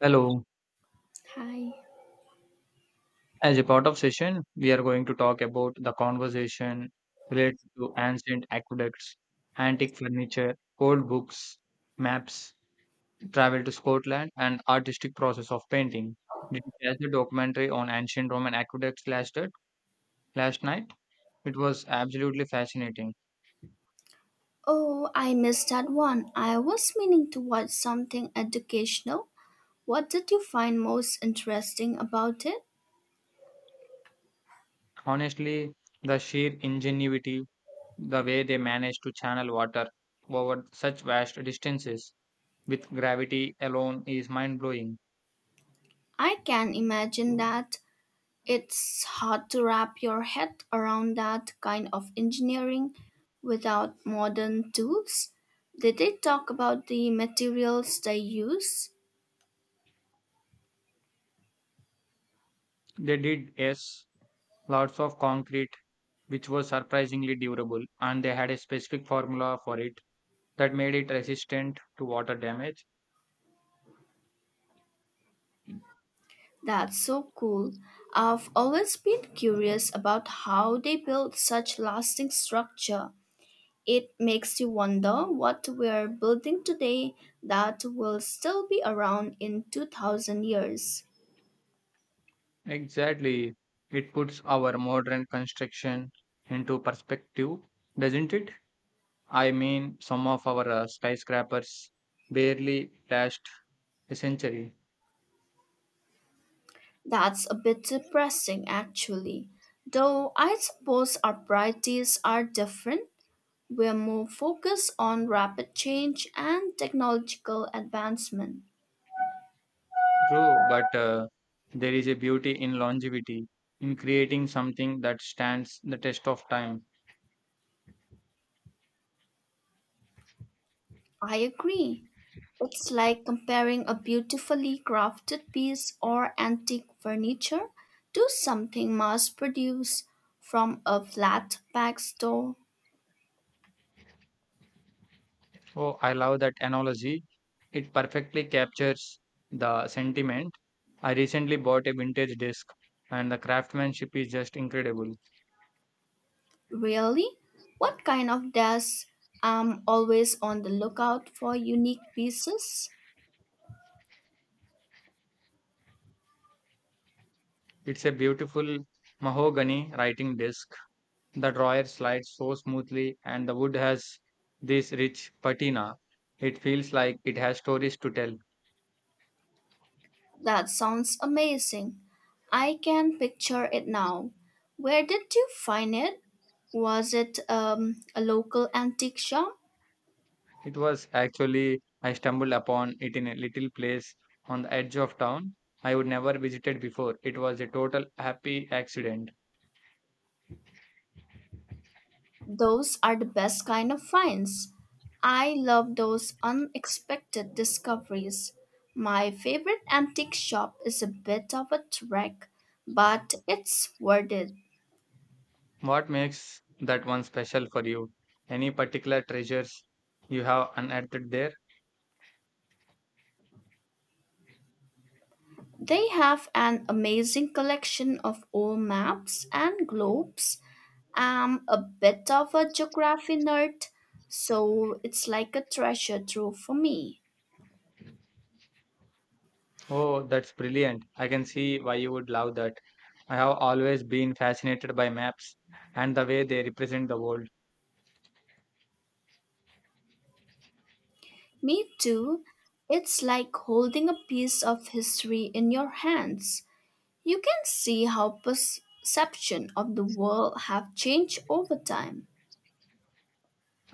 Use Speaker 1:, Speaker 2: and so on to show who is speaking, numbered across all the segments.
Speaker 1: Hello.
Speaker 2: Hi.
Speaker 1: As a part of session, we are going to talk about the conversation related to ancient aqueducts, antique furniture, old books, maps, travel to Scotland, and artistic process of painting. Did you catch the documentary on ancient Roman aqueducts last night? Last night, it was absolutely fascinating.
Speaker 2: Oh, I missed that one. I was meaning to watch something educational. What did you find most interesting about it?
Speaker 1: Honestly, the sheer ingenuity, the way they managed to channel water over such vast distances with gravity alone is mind blowing.
Speaker 2: I can imagine that it's hard to wrap your head around that kind of engineering without modern tools. Did they talk about the materials they use?
Speaker 1: They did, yes, lots of concrete, which was surprisingly durable, and they had a specific formula for it that made it resistant to water damage.
Speaker 2: That's so cool. I've always been curious about how they built such lasting structure. It makes you wonder what we're building today that will still be around in 2000 years.
Speaker 1: Exactly. It puts our modern construction into perspective, doesn't it? I mean, some of our skyscrapers barely last a century.
Speaker 2: That's a bit depressing, actually. Though I suppose our priorities are different. We're more focused on rapid change and technological advancement.
Speaker 1: True, but there is a beauty in longevity, in creating something that stands the test of time.
Speaker 2: I agree. It's like comparing a beautifully crafted piece or antique furniture to something mass produced from a flat pack store.
Speaker 1: Oh, I love that analogy. It perfectly captures the sentiment. I recently bought a vintage disc, and the craftsmanship is just incredible.
Speaker 2: Really? What kind of desk? I'm always on the lookout for unique pieces.
Speaker 1: It's a beautiful mahogany writing disc. The drawer slides so smoothly, and the wood has this rich patina. It feels like it has stories to tell.
Speaker 2: That sounds amazing. I can picture it now. Where did you find it? Was it a local antique shop?
Speaker 1: It was actually, I stumbled upon it in a little place on the edge of town I would never visited before. It was a total happy accident.
Speaker 2: Those are the best kind of finds. I love those unexpected discoveries. My favorite antique shop is a bit of a trek, but it's worth it.
Speaker 1: What makes that one special for you? Any particular treasures you have unearthed there?
Speaker 2: They have an amazing collection of old maps and globes. I'm a bit of a geography nerd, so it's like a treasure trove for me.
Speaker 1: Oh, that's brilliant. I can see why you would love that. I have always been fascinated by maps and the way they represent the world.
Speaker 2: Me too. It's like holding a piece of history in your hands. You can see how perception of the world have changed over time.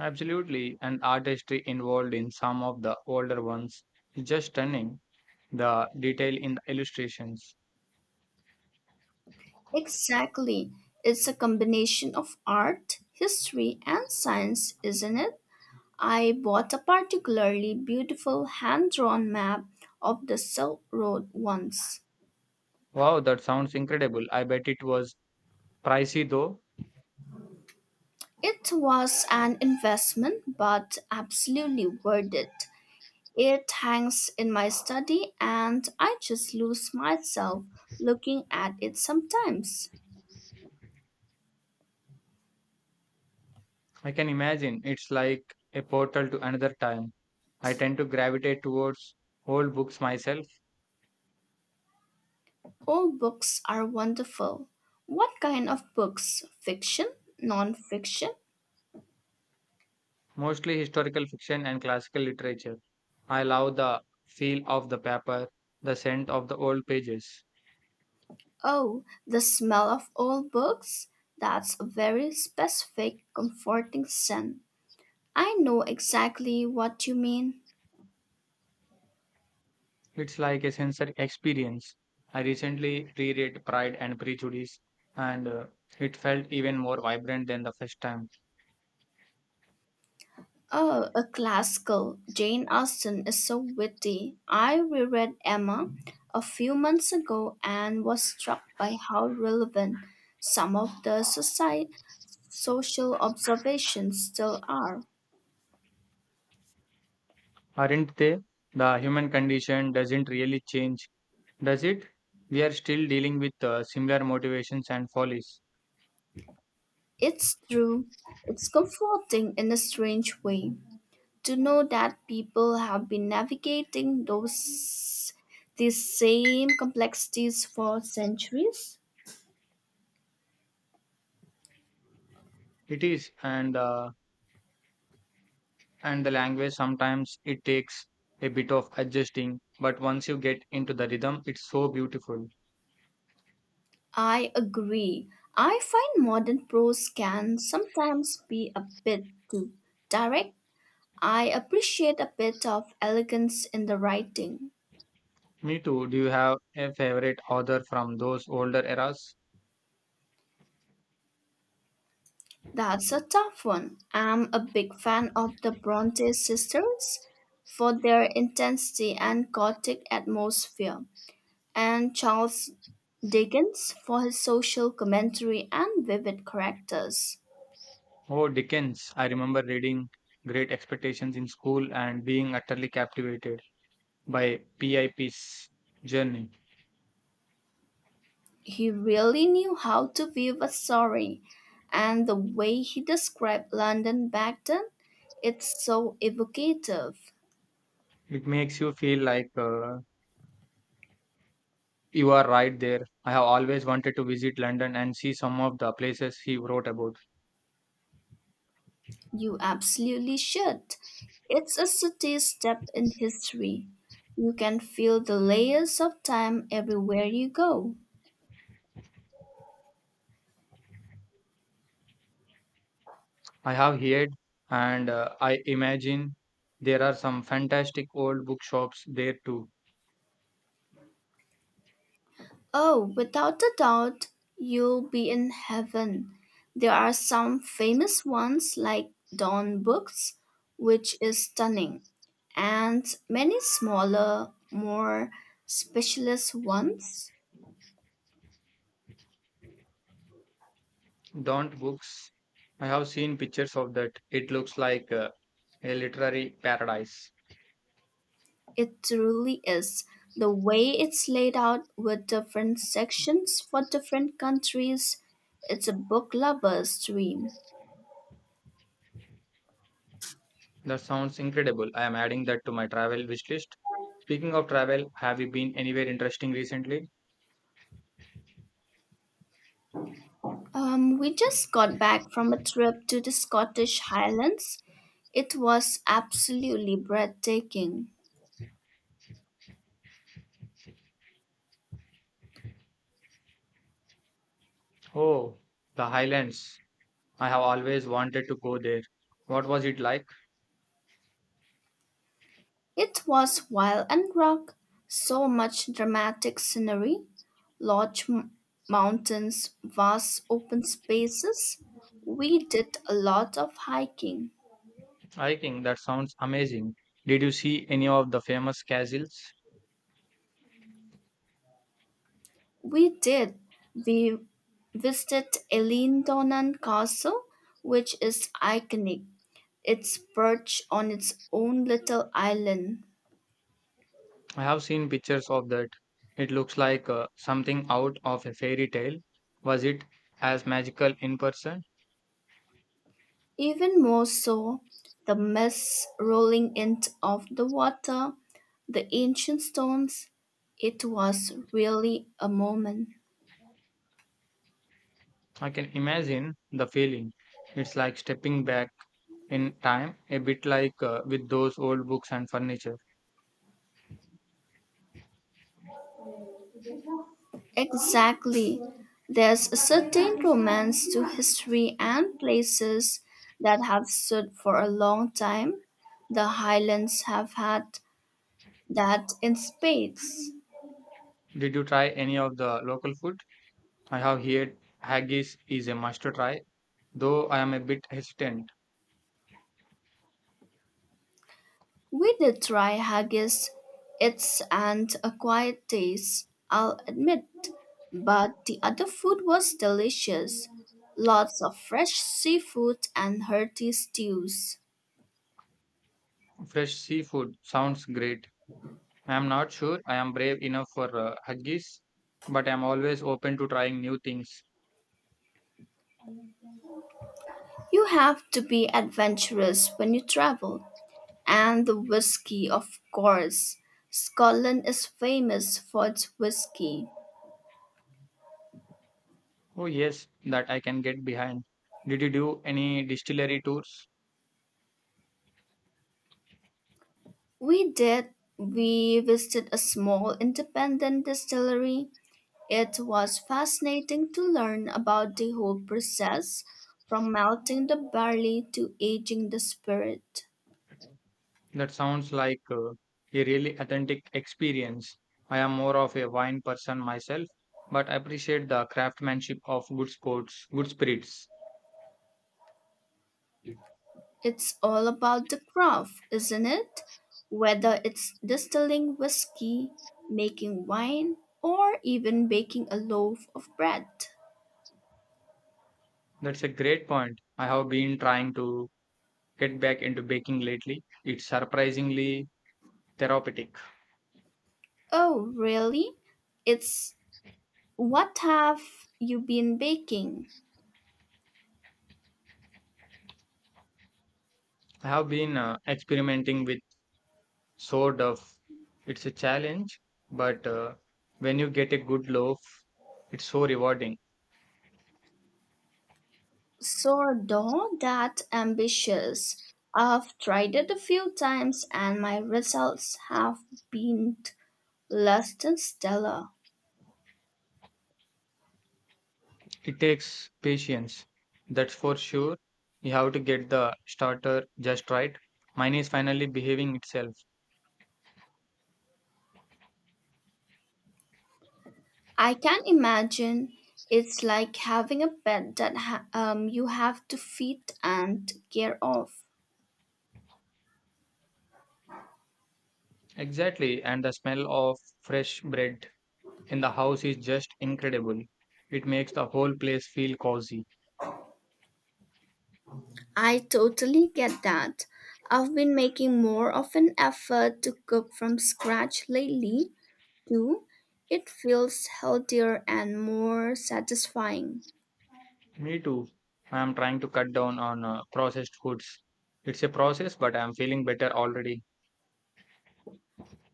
Speaker 1: Absolutely, and artistry involved in some of the older ones is just stunning. The detail in the illustrations.
Speaker 2: Exactly. It's a combination of art, history, and science, isn't it? I bought a particularly beautiful hand-drawn map of the Silk Road once.
Speaker 1: Wow, that sounds incredible. I bet it was pricey though.
Speaker 2: It was an investment, but absolutely worth it. It hangs in my study, and I just lose myself looking at it sometimes.
Speaker 1: I can imagine it's like a portal to another time. I tend to gravitate towards old books myself,
Speaker 2: All books are wonderful. What kind of books? Fiction? Non fiction?
Speaker 1: mostly historical fiction and classical literature. I love the feel of the paper, the scent of the old pages.
Speaker 2: Oh, the smell of old books? That's a very specific, comforting scent. I know exactly what you mean.
Speaker 1: It's like a sensory experience. I recently reread Pride and Prejudice, and it felt even more vibrant than the first time.
Speaker 2: Oh, a classical. Jane Austen is so witty. I reread Emma a few months ago and was struck by how relevant some of the society, social observations still are.
Speaker 1: Aren't they? The human condition doesn't really change. Does it? We are still dealing with similar motivations and follies.
Speaker 2: It's true. It's comforting in a strange way to know that people have been navigating those these same complexities for centuries.
Speaker 1: It is, and the language sometimes it takes a bit of adjusting, but once you get into the rhythm, it's so beautiful.
Speaker 2: I agree. I find modern prose can sometimes be a bit too direct. I appreciate a bit of elegance in the writing.
Speaker 1: Me too. Do you have a favorite author from those older eras?
Speaker 2: That's a tough one. I'm a big fan of the Bronte sisters for their intensity and chaotic atmosphere, and Charles Dickens for his social commentary and vivid characters.
Speaker 1: Oh, Dickens. I remember reading Great Expectations in school and being utterly captivated by PIP's journey.
Speaker 2: He really knew how to weave a story, and the way he described London back then, it's so evocative.
Speaker 1: It makes you feel like you are right there. I have always wanted to visit London and see some of the places he wrote about.
Speaker 2: You absolutely should. It's a subtle step in history. You can feel the layers of time everywhere you go.
Speaker 1: I have heard and I imagine there are some fantastic old bookshops there too.
Speaker 2: Oh, without a doubt, you'll be in heaven. There are some famous ones like Dawn Books, which is stunning, and many smaller, more specialist ones.
Speaker 1: Don't books. I have seen pictures of that. It looks like a literary paradise.
Speaker 2: It truly is. The way it's laid out with different sections for different countries, it's a book lover's dream.
Speaker 1: That sounds incredible. I am adding that to my travel wish list. Speaking of travel, have you been anywhere interesting recently?
Speaker 2: We just got back from a trip to the Scottish Highlands. It was absolutely breathtaking.
Speaker 1: Oh, the Highlands. I have always wanted to go there. What was it like?
Speaker 2: It was wild and rock, so much dramatic scenery, large mountains, vast open spaces. We did a lot of hiking.
Speaker 1: Hiking, that sounds amazing. Did you see any of the famous castles?
Speaker 2: We did. We visited Elindonan Castle, which is iconic. It's perched on its own little island.
Speaker 1: I have seen pictures of that. It looks like something out of a fairy tale. Was it as magical in person?
Speaker 2: Even more so, the mist rolling in of the water, the ancient stones. It was really a moment.
Speaker 1: I can imagine the feeling. It's like stepping back in time, a bit like with those old books and furniture.
Speaker 2: Exactly. There's a certain romance to history and places that have stood for a long time. The Highlands have had that in spades.
Speaker 1: Did you try any of the local food? I have heard haggis is a must try, though I am a bit hesitant.
Speaker 2: We did try haggis, it's and a taste, I'll admit, but the other food was delicious. Lots of fresh seafood and hearty stews.
Speaker 1: Fresh seafood sounds great. I'm not sure I am brave enough for huggies, but I'm always open to trying new things.
Speaker 2: You have to be adventurous when you travel. And the whiskey, of course. Scotland is famous for its whiskey.
Speaker 1: Oh, yes, that I can get behind. Did you do any distillery tours?
Speaker 2: We did. We visited a small independent distillery. It was fascinating to learn about the whole process from melting the barley to aging the spirit.
Speaker 1: That sounds like a really authentic experience. I am more of a wine person myself, but I appreciate the craftsmanship of good sports, good spirits.
Speaker 2: It's all about the craft, isn't it? Whether it's distilling whiskey, making wine, or even baking a loaf of bread.
Speaker 1: That's a great point. I have been trying to get back into baking lately. It's surprisingly therapeutic.
Speaker 2: Oh, really? It's what have you been baking?
Speaker 1: I have been experimenting with so tough. It's a challenge, but when you get a good loaf, it's so rewarding.
Speaker 2: Sourdough that ambitious. I've tried it a few times and my results have been less than stellar.
Speaker 1: It takes patience, that's for sure. You have to get the starter just right. Mine is finally behaving itself.
Speaker 2: I can imagine it's like having a pet that you have to feed and care of.
Speaker 1: Exactly, and the smell of fresh bread in the house is just incredible. It makes the whole place feel cozy.
Speaker 2: I totally get that. I've been making more of an effort to cook from scratch lately, do, it feels healthier and more satisfying.
Speaker 1: Me too. I am trying to cut down on processed foods. It's a process, but I am feeling better already.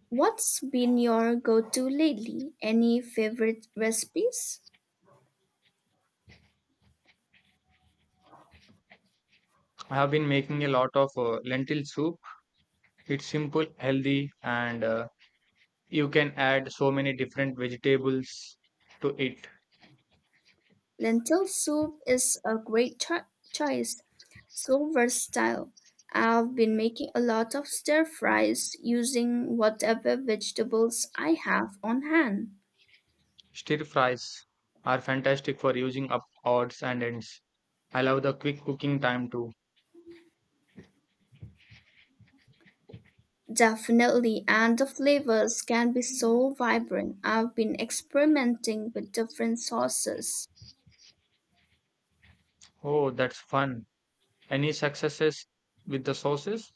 Speaker 2: What's been your go to lately? Any favorite recipes?
Speaker 1: I have been making a lot of lentil soup. It's simple, healthy, and you can add so many different vegetables to it.
Speaker 2: Lentil soup is a great choice, so versatile. I've been making a lot of stir fries using whatever vegetables I have on hand.
Speaker 1: Stir fries are fantastic for using up odds and ends. I love the quick cooking time too.
Speaker 2: Definitely, and the flavors can be so vibrant. I've been experimenting with different sauces.
Speaker 1: Oh, that's fun. Any successes with the sauces?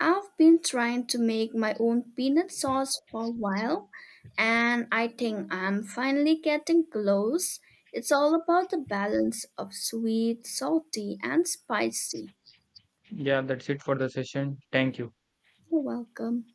Speaker 2: I've been trying to make my own peanut sauce for a while, and I think I'm finally getting close. It's all about the balance of sweet, salty, and spicy.
Speaker 1: Yeah, that's it for the session. Thank you.
Speaker 2: You're welcome.